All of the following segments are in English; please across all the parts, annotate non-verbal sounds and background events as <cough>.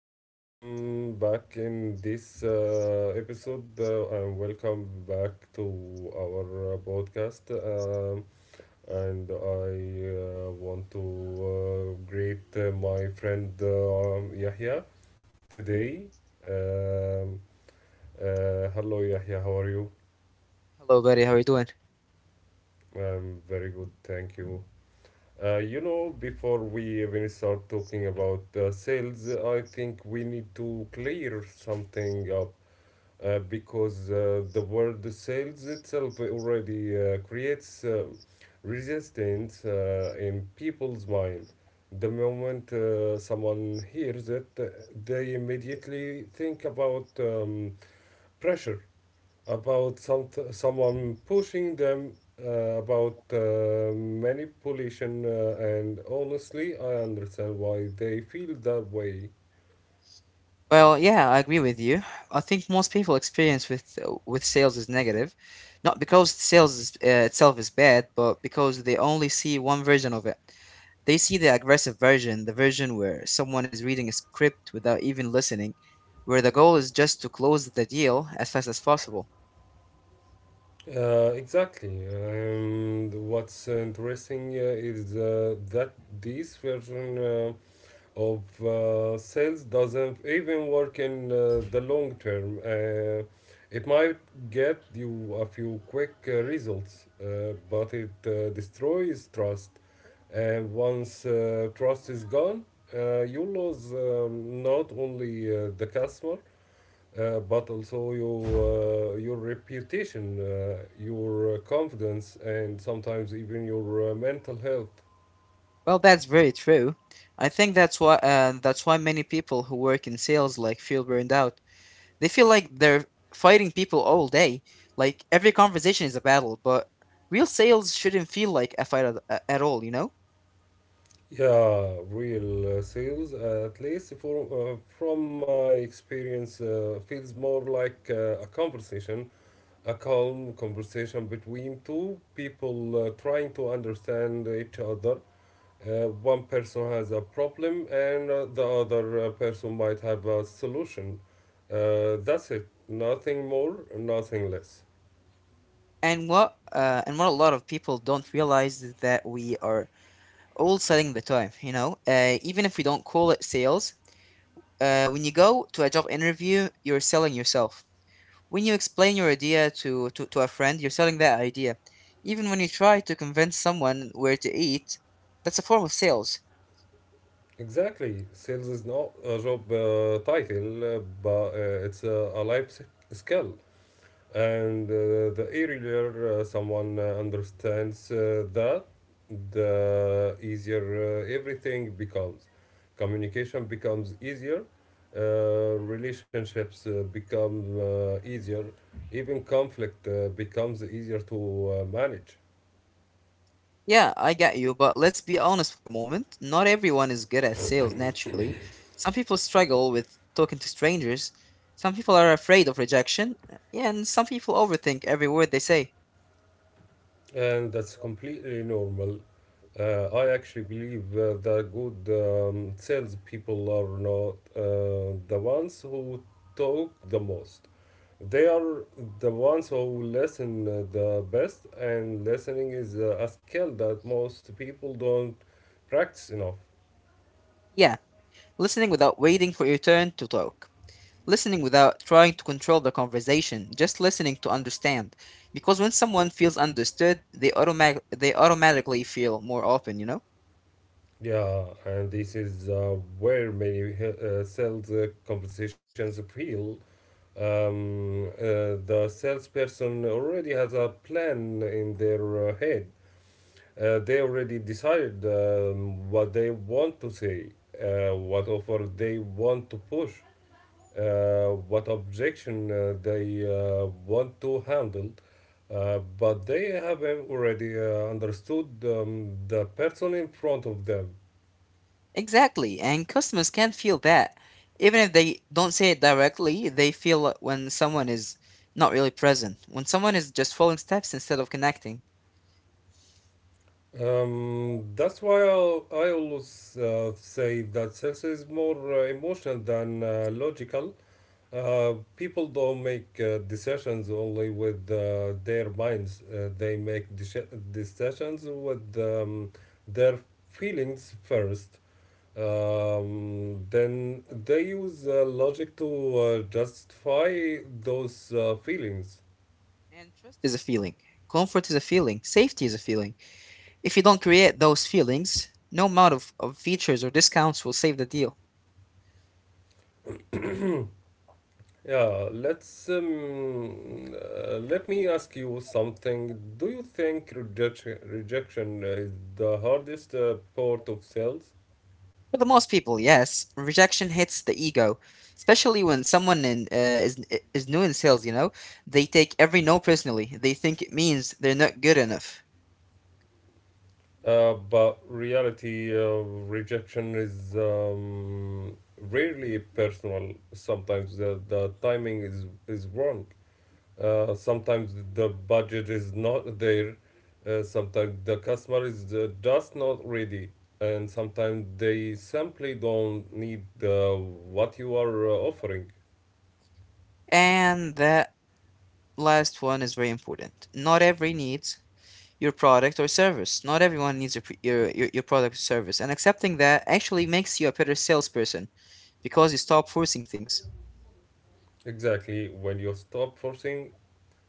Welcome back in this episode, and welcome back to our podcast. And I want to greet my friend Yahya today. Um, Hello, Yahya. How are you? Hello, buddy. How are you doing? I'm very good, thank you. Before we even start talking about sales, I think we need to clear something up. Because the word sales itself already creates resistance in people's mind. The moment someone hears it, they immediately think about pressure, about someone pushing them, about manipulation, and honestly, I understand why they feel that way. Well, yeah, I agree with you. I think most people experience with sales is negative, not because sales itself is bad, but because they only see one version of it. They see the aggressive version, the version where someone is reading a script without even listening, where the goal is just to close the deal as fast as possible. Exactly, and what's interesting is that this version of sales doesn't even work in the long term. It might get you a few quick results, but it destroys trust. And once trust is gone, you lose not only the customer but also your reputation, your confidence, and sometimes even your mental health. Well, that's very true. I think that's why many people who work in sales like feel burned out. They feel like they're fighting people all day. Like every conversation is a battle, but real sales shouldn't feel like a fight at all, you know? Yeah, real sales, at least from my experience, feels more like a conversation, a calm conversation between two people trying to understand each other. One person has a problem, and the other person might have a solution. That's it. Nothing more, nothing less. And what a lot of people don't realize is that we are all selling the time, you know? Even if we don't call it sales, when you go to a job interview, you're selling yourself. When you explain your idea to a friend, you're selling that idea. Even when you try to convince someone where to eat, that's a form of sales. Exactly. Sales is not a job title, but it's a life skill. And the earlier someone understands that, the easier everything becomes. Communication becomes easier, uh, relationships become easier, even conflict becomes easier to manage. Yeah, I get you, but let's be honest for a moment. Not everyone is good at sales naturally. Some people struggle with talking to strangers. Some people are afraid of rejection. Yeah, and some people overthink every word they say. And that's completely normal. I actually believe that good salespeople are not the ones who talk the most They Are the ones who listen the best, and listening is a skill that most people don't practice enough. Yeah, listening without waiting for your turn to talk. Listening without trying to control the conversation, just listening to understand. Because when someone feels understood, they automatically feel more open, you know? Yeah, and this is where many sales conversations feel. The salesperson already has a plan in their head. They already decided what they want to say, what offer they want to push, what objection they want to handle, but they have already understood the person in front of them. Exactly, and customers can feel that. Even if they don't say it directly, they feel it when someone is not really present, when someone is just following steps instead of connecting. That's why I always say that sales is more emotional than logical. People don't make decisions only with their minds. They make decisions with their feelings first. Then they use logic to justify those feelings. And trust is a feeling, comfort is a feeling, safety is a feeling. If you don't create those feelings, no amount of features or discounts will save the deal. Yeah, let me ask you something. Do you think rejection is the hardest part of sales? For the most people, yes, rejection hits the ego, especially when someone is new in sales, you know? They take every no personally, they think it means they're not good enough. But reality, rejection is rarely personal. Sometimes the timing is wrong. Sometimes the budget is not there. Sometimes the customer is just not ready, and sometimes they simply don't need what you are offering. And that last one is very important. Not every needs your product or service. Not everyone needs your product or service. And accepting that actually makes you a better salesperson because you stop forcing things. Exactly. When you stop forcing,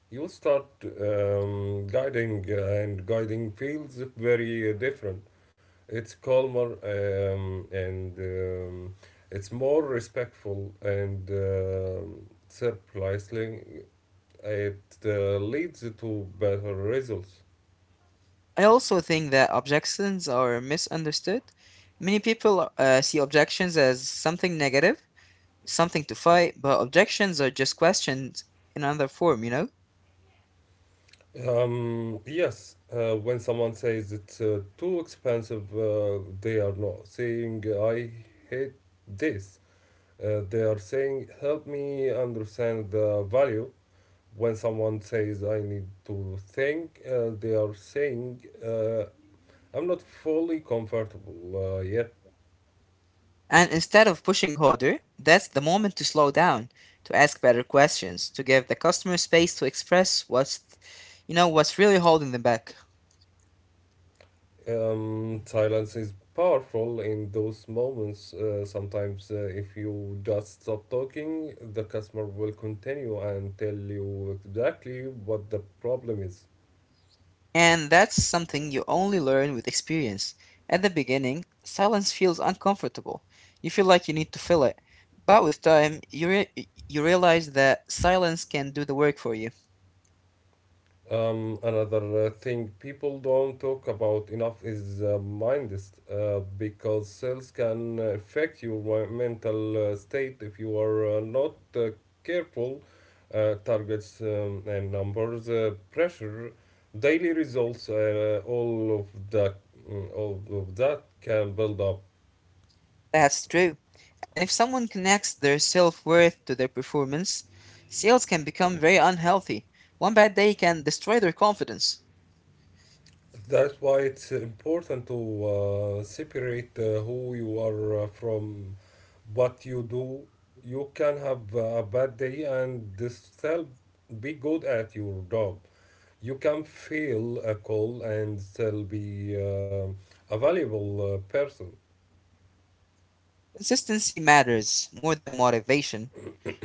you start guiding, and guiding feels very different. It's calmer and it's more respectful, and surprisingly, it leads to better results. I also think that objections are misunderstood. Many people see objections as something negative, something to fight, but objections are just questions in another form, you know? Yes, when someone says it's too expensive, they are not saying, I hate this. They are saying, help me understand the value. When someone says, I need to think, they are saying I'm not fully comfortable yet. And instead of pushing harder, that's the moment to slow down, to ask better questions, to give the customer space to express what's, you know, what's really holding them back. Silence is powerful in those moments. Sometimes, if you just stop talking, the customer will continue and tell you exactly what the problem is. And that's something you only learn with experience. At the beginning, silence feels uncomfortable. You feel like you need to fill it. But with time, you realize that silence can do the work for you. Another thing people don't talk about enough is mindset, because sales can affect your mental state if you are not careful. Targets and numbers, pressure, daily results, all of that, all of that can build up. That's true. And if someone connects their self worth to their performance, sales can become very unhealthy. One bad day can destroy their confidence. That's why it's important to separate who you are from what you do. You can have a bad day and still be good at your job. You can fail a call and still be a valuable person. Consistency matters more than motivation.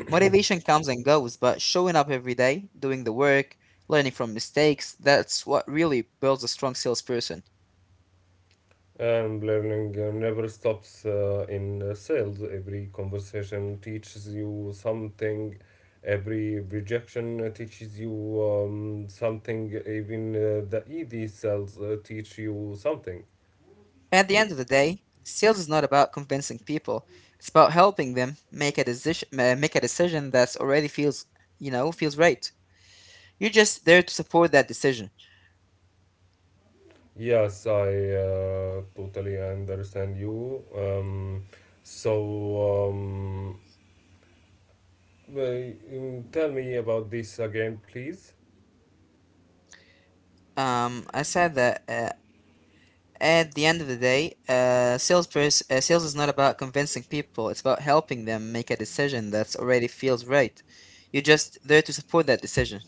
Motivation comes and goes, but showing up every day, doing the work, learning from mistakes, that's what really builds a strong salesperson. And learning never stops in sales. Every conversation teaches you something, every rejection teaches you something, even the ED sales teach you something. At the end of the day, sales is not about convincing people. It's about helping them make a decision that's already feels, you know, feels right. You're just there to support that decision. Yes, I totally understand you. So, um, Tell me about this again, please. I said that at the end of the day, sales sales is not about convincing people. It's about helping them make a decision that's already feels right. You're just there to support that decision.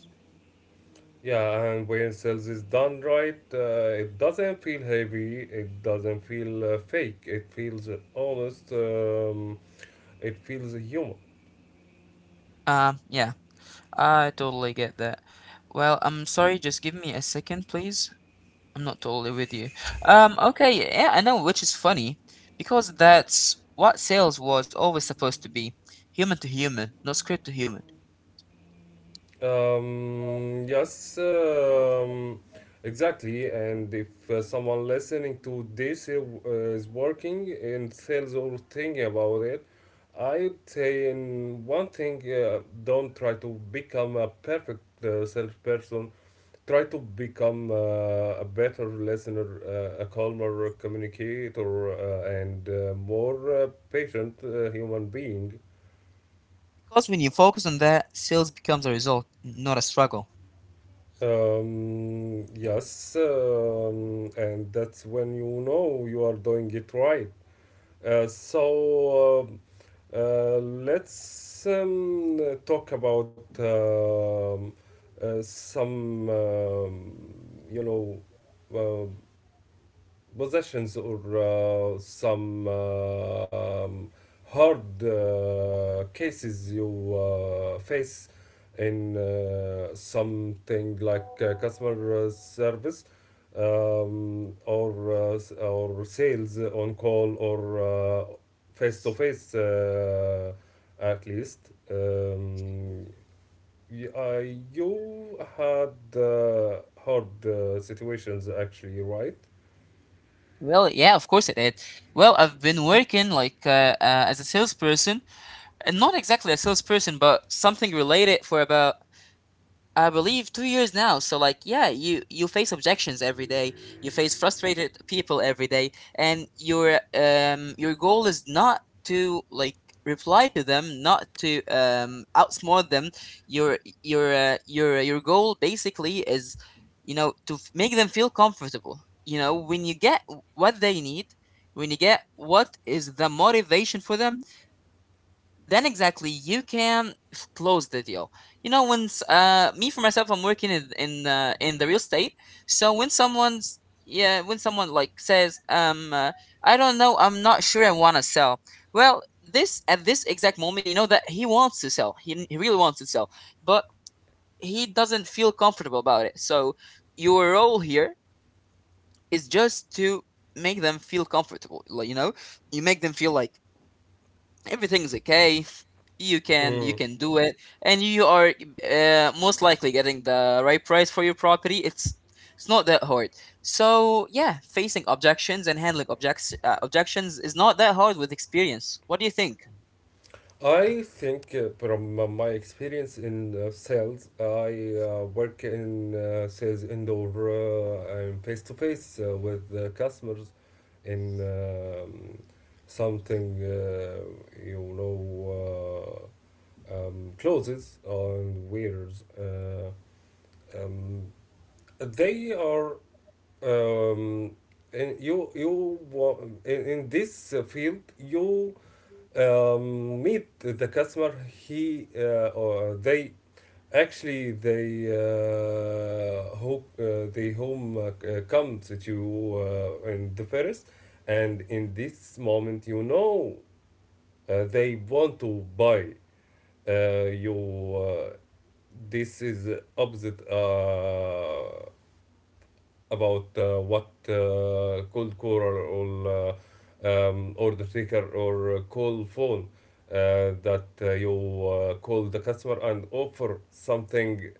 Yeah, and when sales is done right, it doesn't feel heavy, it doesn't feel fake, it feels honest, it feels human. Yeah, I totally get that. Well, I'm sorry, just give me a second, please. I'm not totally with you. Okay, yeah, I know, which is funny because that's what sales was always supposed to be, human to human, not script to human. Yes, exactly. And if someone listening to this is working in sales or thinking about it, I'd say in one thing, don't try to become a perfect salesperson, try to become a better listener, a calmer communicator, and more patient human being. Because when you focus on that, sales becomes a result, not a struggle. Yes, and that's when you know you are doing it right. Uh, so um, let's talk about some, you know, uh, possessions or some hard cases you face in something like customer service, or or sales on call or face to face, at least, y- uh, you had hard situations, actually, Well, yeah, of course it did. Well, I've been working like as a salesperson, and not exactly a salesperson, but something related for about I believe 2 years now. So like, yeah, you face objections every day. You face frustrated people every day, and your goal is not to like reply to them, not to outsmart them. Your goal basically is, you know, to make them feel comfortable. You know, when you get what they need, when you get what is the motivation for them, then exactly you can close the deal. You know, when me for myself, I'm working in the real estate. So when someone's, yeah, when someone like says I don't know, I'm not sure I want to sell, well, this at this exact moment, you know that he wants to sell. He really wants to sell, but he doesn't feel comfortable about it. So your role here is just to make them feel comfortable. Like, you know, you make them feel like everything's okay, you right? can do it. And you are most likely getting the right price for your property. It's not that hard. So yeah, facing objections and handling objects objections is not that hard with experience. What do you think? I think from my experience in sales, I work in sales indoor and face to face with the customers in something, clothes and wears. Um, they are, um, in, in this field you meet the customer, he or they, actually they hope, they home comes to you in the first, and in this moment you know they want to buy. You, this is opposite about what cold caller or order taker or call phone, that you call the customer and offer something,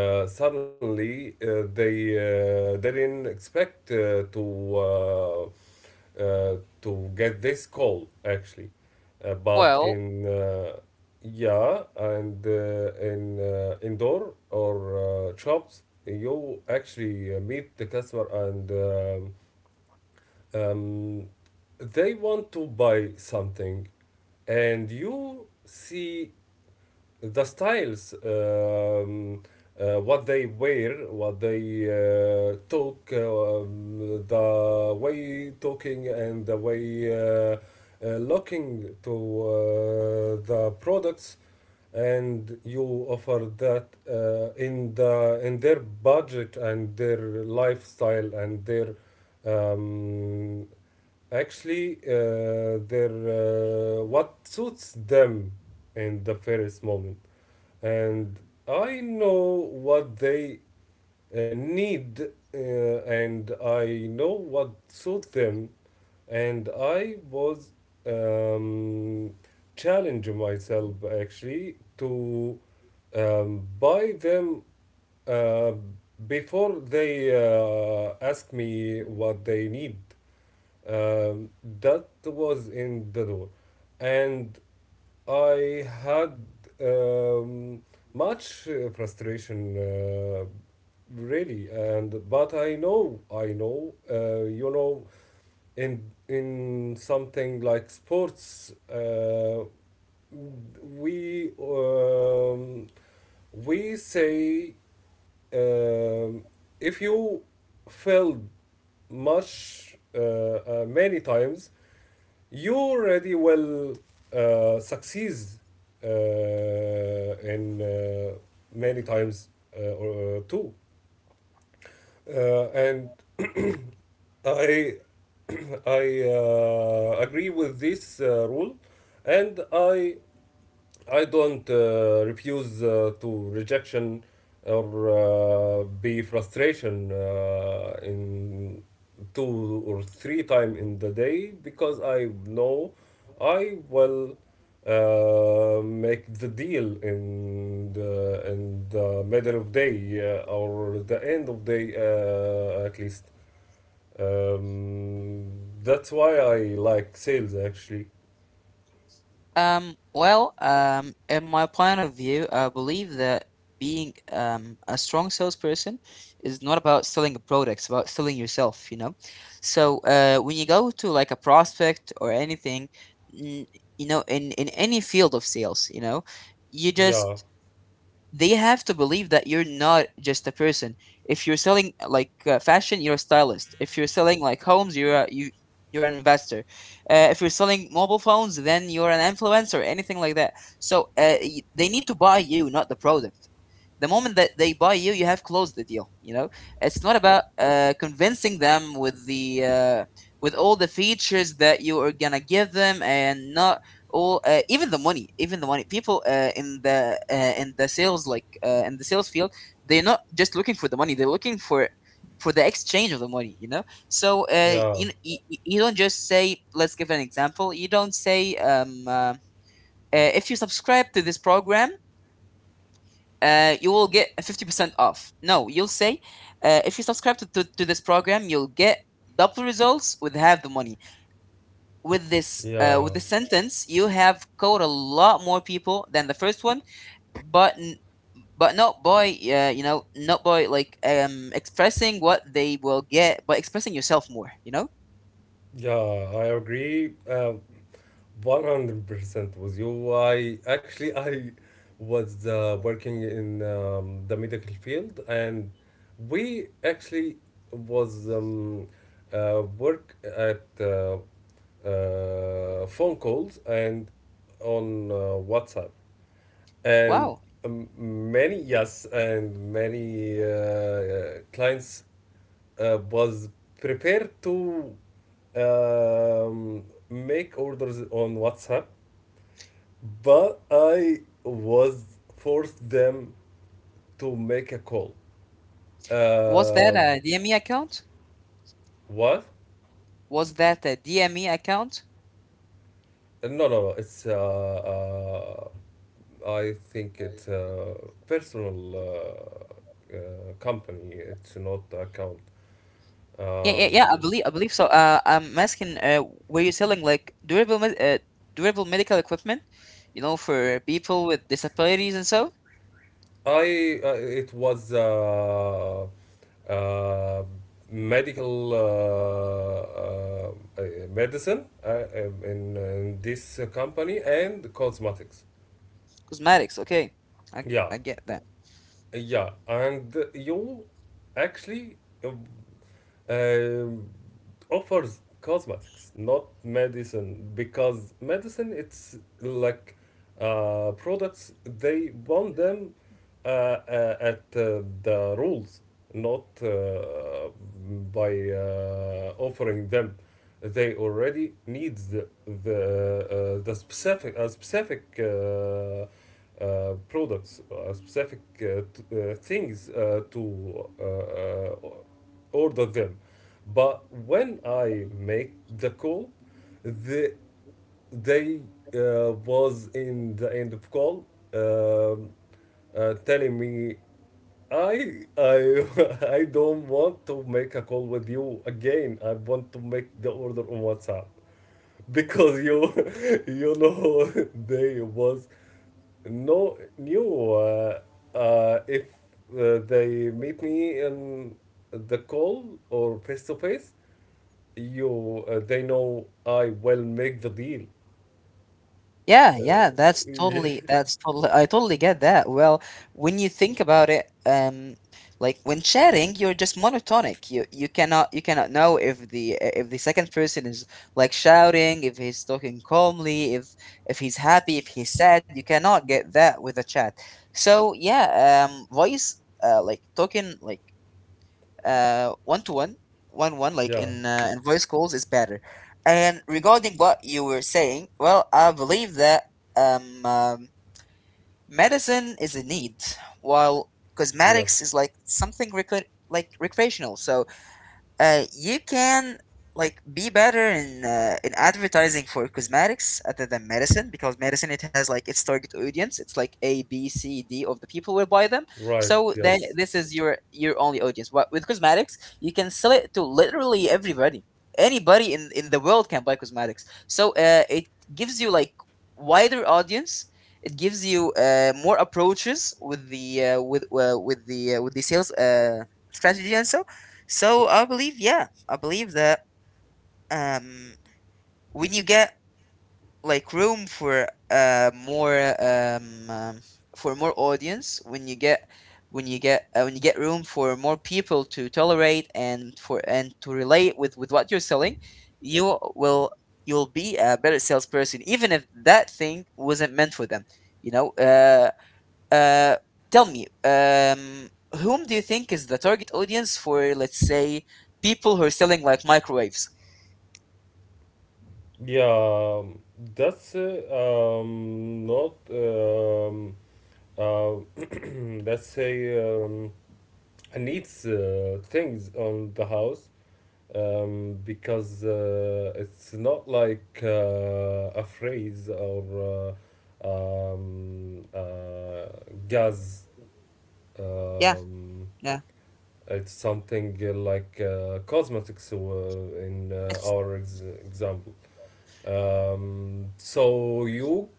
suddenly they didn't expect uh, to get this call actually. But Well, in, yeah, and in indoor or shops, you actually meet the customer, and um, they want to buy something, and you see the styles, what they wear, what they talk, the way talking and the way looking to uh, the products, and you offer that in their budget and their lifestyle and their um, actually their, what suits them in the first moment. And I know what they need, and I know what suits them, and I was um, challenging myself actually to buy them uh, before they ask me what they need. um, that was in the door, and I had um, much frustration, really. And But I know, in something like sports, we um, we say, um, if you failed much, many times, you already will succeed, uh, in many times or too. And <clears throat> I <clears throat> I agree with this rule. And I don't refuse to rejection or be frustration in two or three time in the day, because I know I will make the deal in the middle of day or the end of day, at least. Um, that's why I like sales actually. Well, in my point of view, I believe that being a strong salesperson is not about selling a product, it's about selling yourself, you know? So when you go to like a prospect or anything, n- you know, in any field of sales, you know, you Yeah, just they have to believe that you're not just a person. If you're selling fashion, you're a stylist. If you're selling like homes, you you're an investor. If you're selling mobile phones, then you're an influencer, anything like that. So they need to buy you, not the product. The moment that they buy you, you have closed the deal. You know, it's not about convincing them with the with all the features that you are gonna give them, and not or even the money, even the money people in the sales in the sales field, they're not just looking for the money, they're looking for the exchange of the money, you know. So you, yeah, kn- you don't just say, let's give an example, you don't say if you subscribe to this program, you will get a 50% off. No, you'll say if you subscribe to this program, you'll get double results with half the money. With this with yeah. the sentence, you have caught a lot more people than the first one. But n- but not by you know, not by like expressing what they will get, by expressing yourself more, you know. Yeah, I agree 100% with you. I actually I was working in the medical field, and we actually was work at phone calls and on WhatsApp. And Wow. Many yes, and many clients was prepared to make orders on WhatsApp, but I was forced them to make a call. was that Uh, a dme account what? was that a DME account? No, no, no. It's, I think it's a personal, company. It's not account. Yeah, yeah, yeah. Um, I believe so. I'm asking, were you selling like durable medical equipment, you know, for people with disabilities and so? I, it was uh, medical, uh, medicine, in, this company, and cosmetics. Cosmetics. Okay, I Yeah, get that. yeah, and you actually uh, um, offers cosmetics, not medicine, because medicine it's like products they want them at the rules, not by offering them. They already need the specific, a specific products, specific things to order them. But when I make the call, the they was in the end of call, um, telling me, I <laughs> I don't want to make a call with you again. I want to make the order on WhatsApp because you <laughs> you know <laughs> they was no knew if they meet me in the call or face to face you they know I will make the deal. Yeah, yeah, Uh, <laughs> that's totally, I totally get that. Well, when you think about it, like when chatting, you're just monotonic. You cannot, you cannot know if the second person is like shouting, if he's talking calmly, if he's happy, if he's sad, you cannot get that with a chat. So, yeah, voice, like talking like uh one to one one one, like yeah, in voice calls is better. And regarding what you were saying, well, I believe that um, um medicine is a need, while cosmetics Yes, is like something like recreational. So you can like be better in advertising for cosmetics other than medicine, because medicine it has like its target audience. It's like A, B, C, D of the people will buy them. right, So then yes. this is your only audience. But with cosmetics, you can sell it to literally everybody. Anybody in the world can buy cosmetics. So it gives you like wider audience. It gives you more approaches with the sales strategy. And so I believe, yeah, I believe that um, when you get like room for more for more audience when you get when you get room for more people to tolerate and for and to relate with what you're selling, you will, you'll be a better salesperson even if that thing wasn't meant for them, you know. Uh Tell me, whom do you think is the target audience for, let's say, people who are selling like microwaves? Yeah, um, that's not, uh, <clears throat> let's say, I needs things on the house, because it's not like a phrase or uh, um, uh, gas. Yeah, Um, yeah. It's something like cosmetics in it's our ex- example. So you,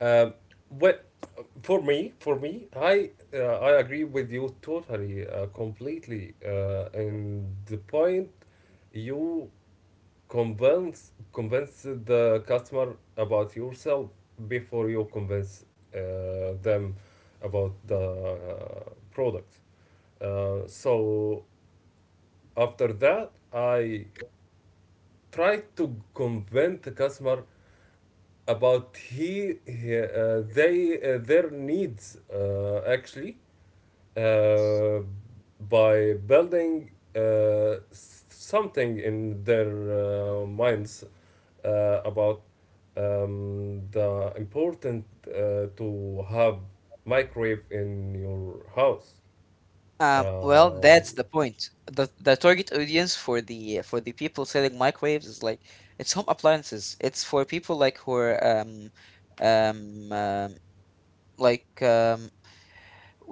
uh, what For me, I agree with you totally, completely. And the point, you convince the customer about yourself before you convince them about the product. Uh, so After that, I tried to convince the customer about he- they their needs actually, uh, by building something in their minds, about the important to have microwave in your house. Well, that's Um the point. The target audience for the people selling microwaves is like, it's home appliances. It's for people like who are um, um like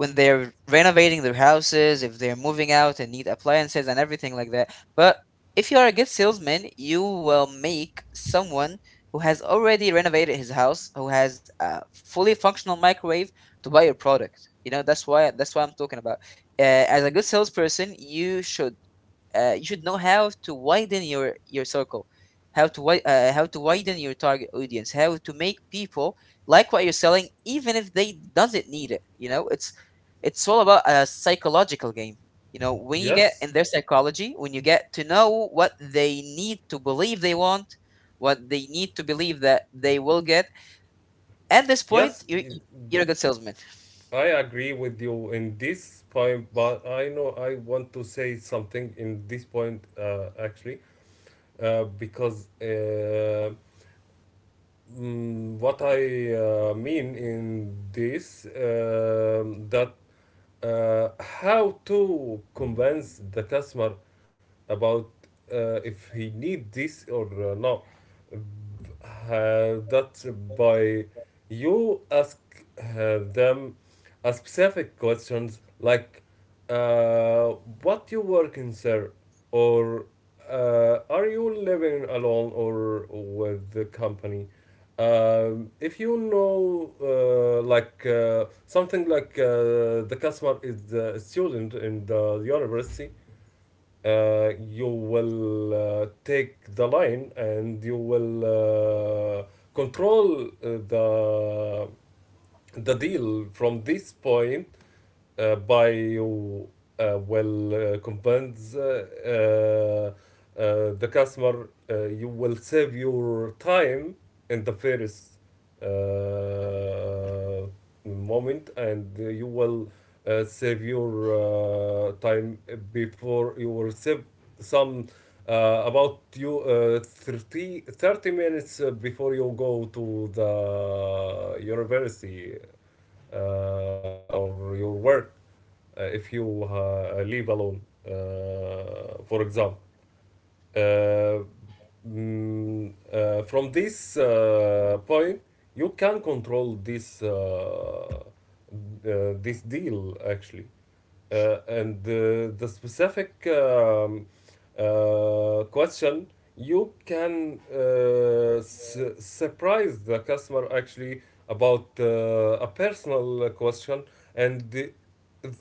when they're renovating their houses, if they're moving out and need appliances and everything like that. But if you are a good salesman, you will make someone who has already renovated his house, who has a fully functional microwave, to buy your product. You know, that's what I'm talking about. As a good salesperson, you should know how to widen your circle, how to widen your target audience, how to make people like what you're selling even if they doesn't need it, you know. It's all about a psychological game. You know, when you get yes, in their psychology, when you get to know what they need to believe they want, what they need to believe that they will get, at this point, yes, you're a good salesman. I agree with you in this point, but I know I want to say something in this point, actually, because what I mean in this that how to convince the customer about if he need this or not, that by you ask them a specific questions like uh, what you working, sir? Or are you living alone or with the company? If you know, something like the customer is a student in the university, you will take the line and you will control the the deal from this point, bio will convince the customer, you will save your time in the first uh, moment and you will save your time before you will save some thirty minutes before you go to the university, or your work, if you leave alone. For example, uh, from this point, you can control this deal actually. And the specific question, you can surprise the customer actually about a personal question and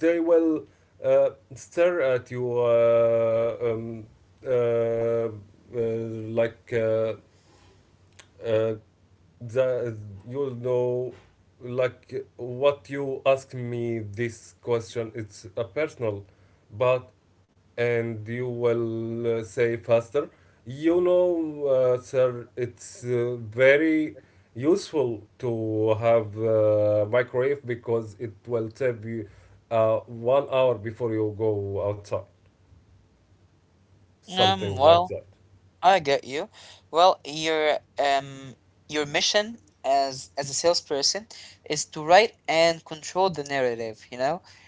they will stare at you uh, uh, like uh, the you know like, what you ask me this question, it's a personal, but and you will say faster, sir, it's very useful to have microwave because it will save you 1 hour before you go outside Um, something like well, that. I get you. Well, your mission as a salesperson is to write and control the narrative, you know?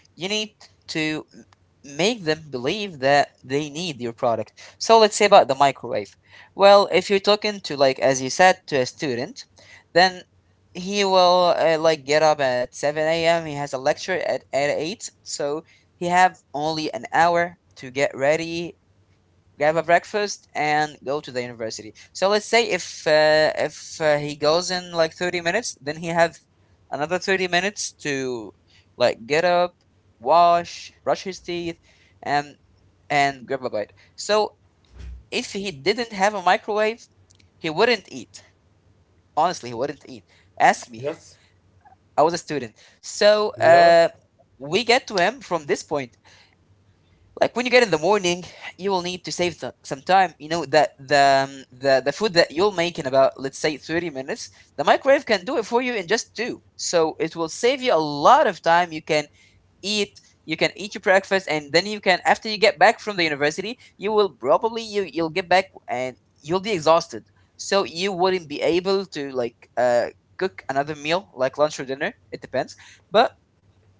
You need to m- make them believe that they need your product. So let's say about the microwave. Well, if you're talking to, like as you said, to a student, then he will like get up at 7 a.m. He has a lecture at 8, so he have only an hour to get ready, grab a breakfast and go to the university. So let's say if he goes in like 30 minutes, then he have another 30 minutes to like get up, wash, brush his teeth, and grab a bite. So if he didn't have a microwave, he wouldn't eat. Honestly, he wouldn't eat. Ask me, yes I was a student. So yeah we get to him from this point. Like when you get in the morning, you will need to save some time, you know, that the the food that you'll make in about, let's say, 30 minutes, the microwave can do it for you in just two. So it will save you a lot of time. You can eat, you can eat your breakfast, and then you can, after you get back from the university, you will probably, you'll get back and you'll be exhausted, so you wouldn't be able to like cook another meal like lunch or dinner, it depends. But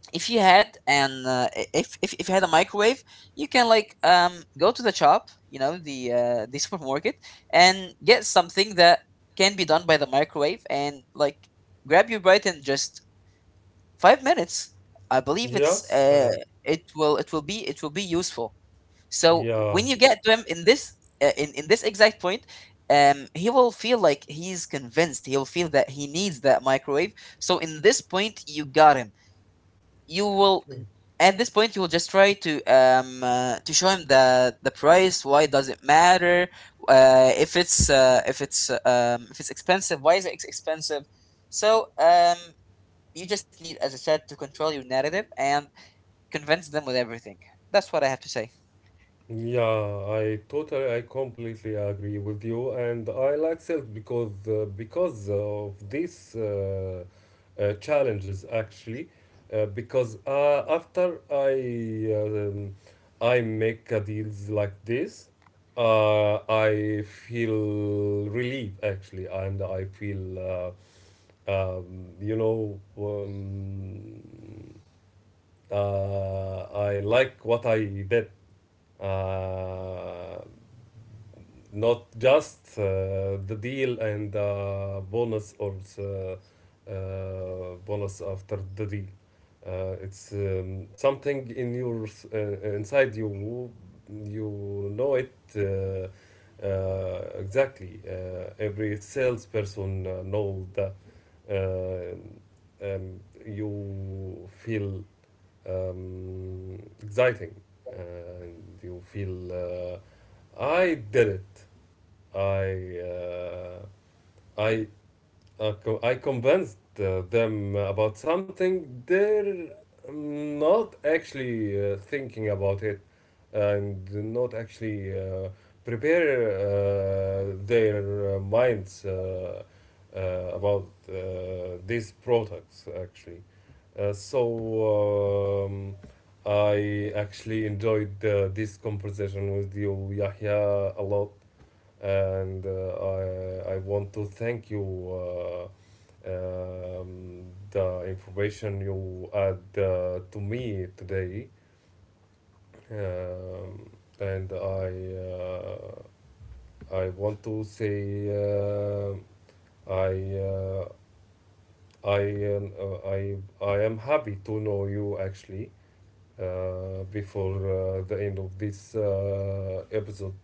if you had an if you had a microwave, you can like go to the shop, you know, the <laughs> supermarket, and get something that can be done by the microwave and like grab your bite in just 5 minutes. I believe it's yes uh, it will, it will be useful. So yeah when you get to him in this exact point, he will feel like he's convinced, he will feel that he needs that microwave. So in this point you got him. You will At this point you will just try to show him the price, why does it matter. If it's if it's expensive, why is it expensive. So you just need, as I said, to control your narrative and convince them with everything. That's what I have to say. Yeah, I totally, I completely agree with you, and I like Silk because because of these challenges actually, because after um, I make a deals like this, I feel relief actually, and I feel uh, um, you know um, I like what I did. Uh, Not just the deal and the bonus or the bonus after the deal. It's something in inside you. You know it exactly. Every salesperson know that, uh, um, you feel exciting and you feel, I did it, I uh, I I convinced them about something they're not actually thinking about it and not actually prepare their minds, uh, about these products actually. Uh, so um, I actually enjoyed this conversation with you, Yahya, a lot, and I want to thank you. Um, the information you add to me today, um, and I want to say I uh, I am uh, I I am happy to know you actually before the end of this episode.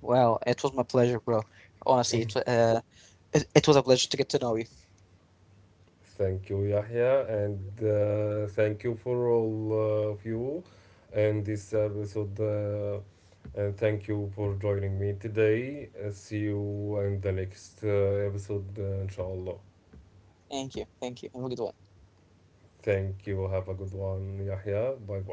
Well, it was my pleasure, bro. Honestly, <laughs> it, it was a pleasure to get to know you. Thank you, Yahya, and thank you for all of you and this episode. And thank you for joining me today. See you in the next episode, inshallah. Thank you, thank you, have a good one. Thank you. Have a good one, Yahya. Bye bye.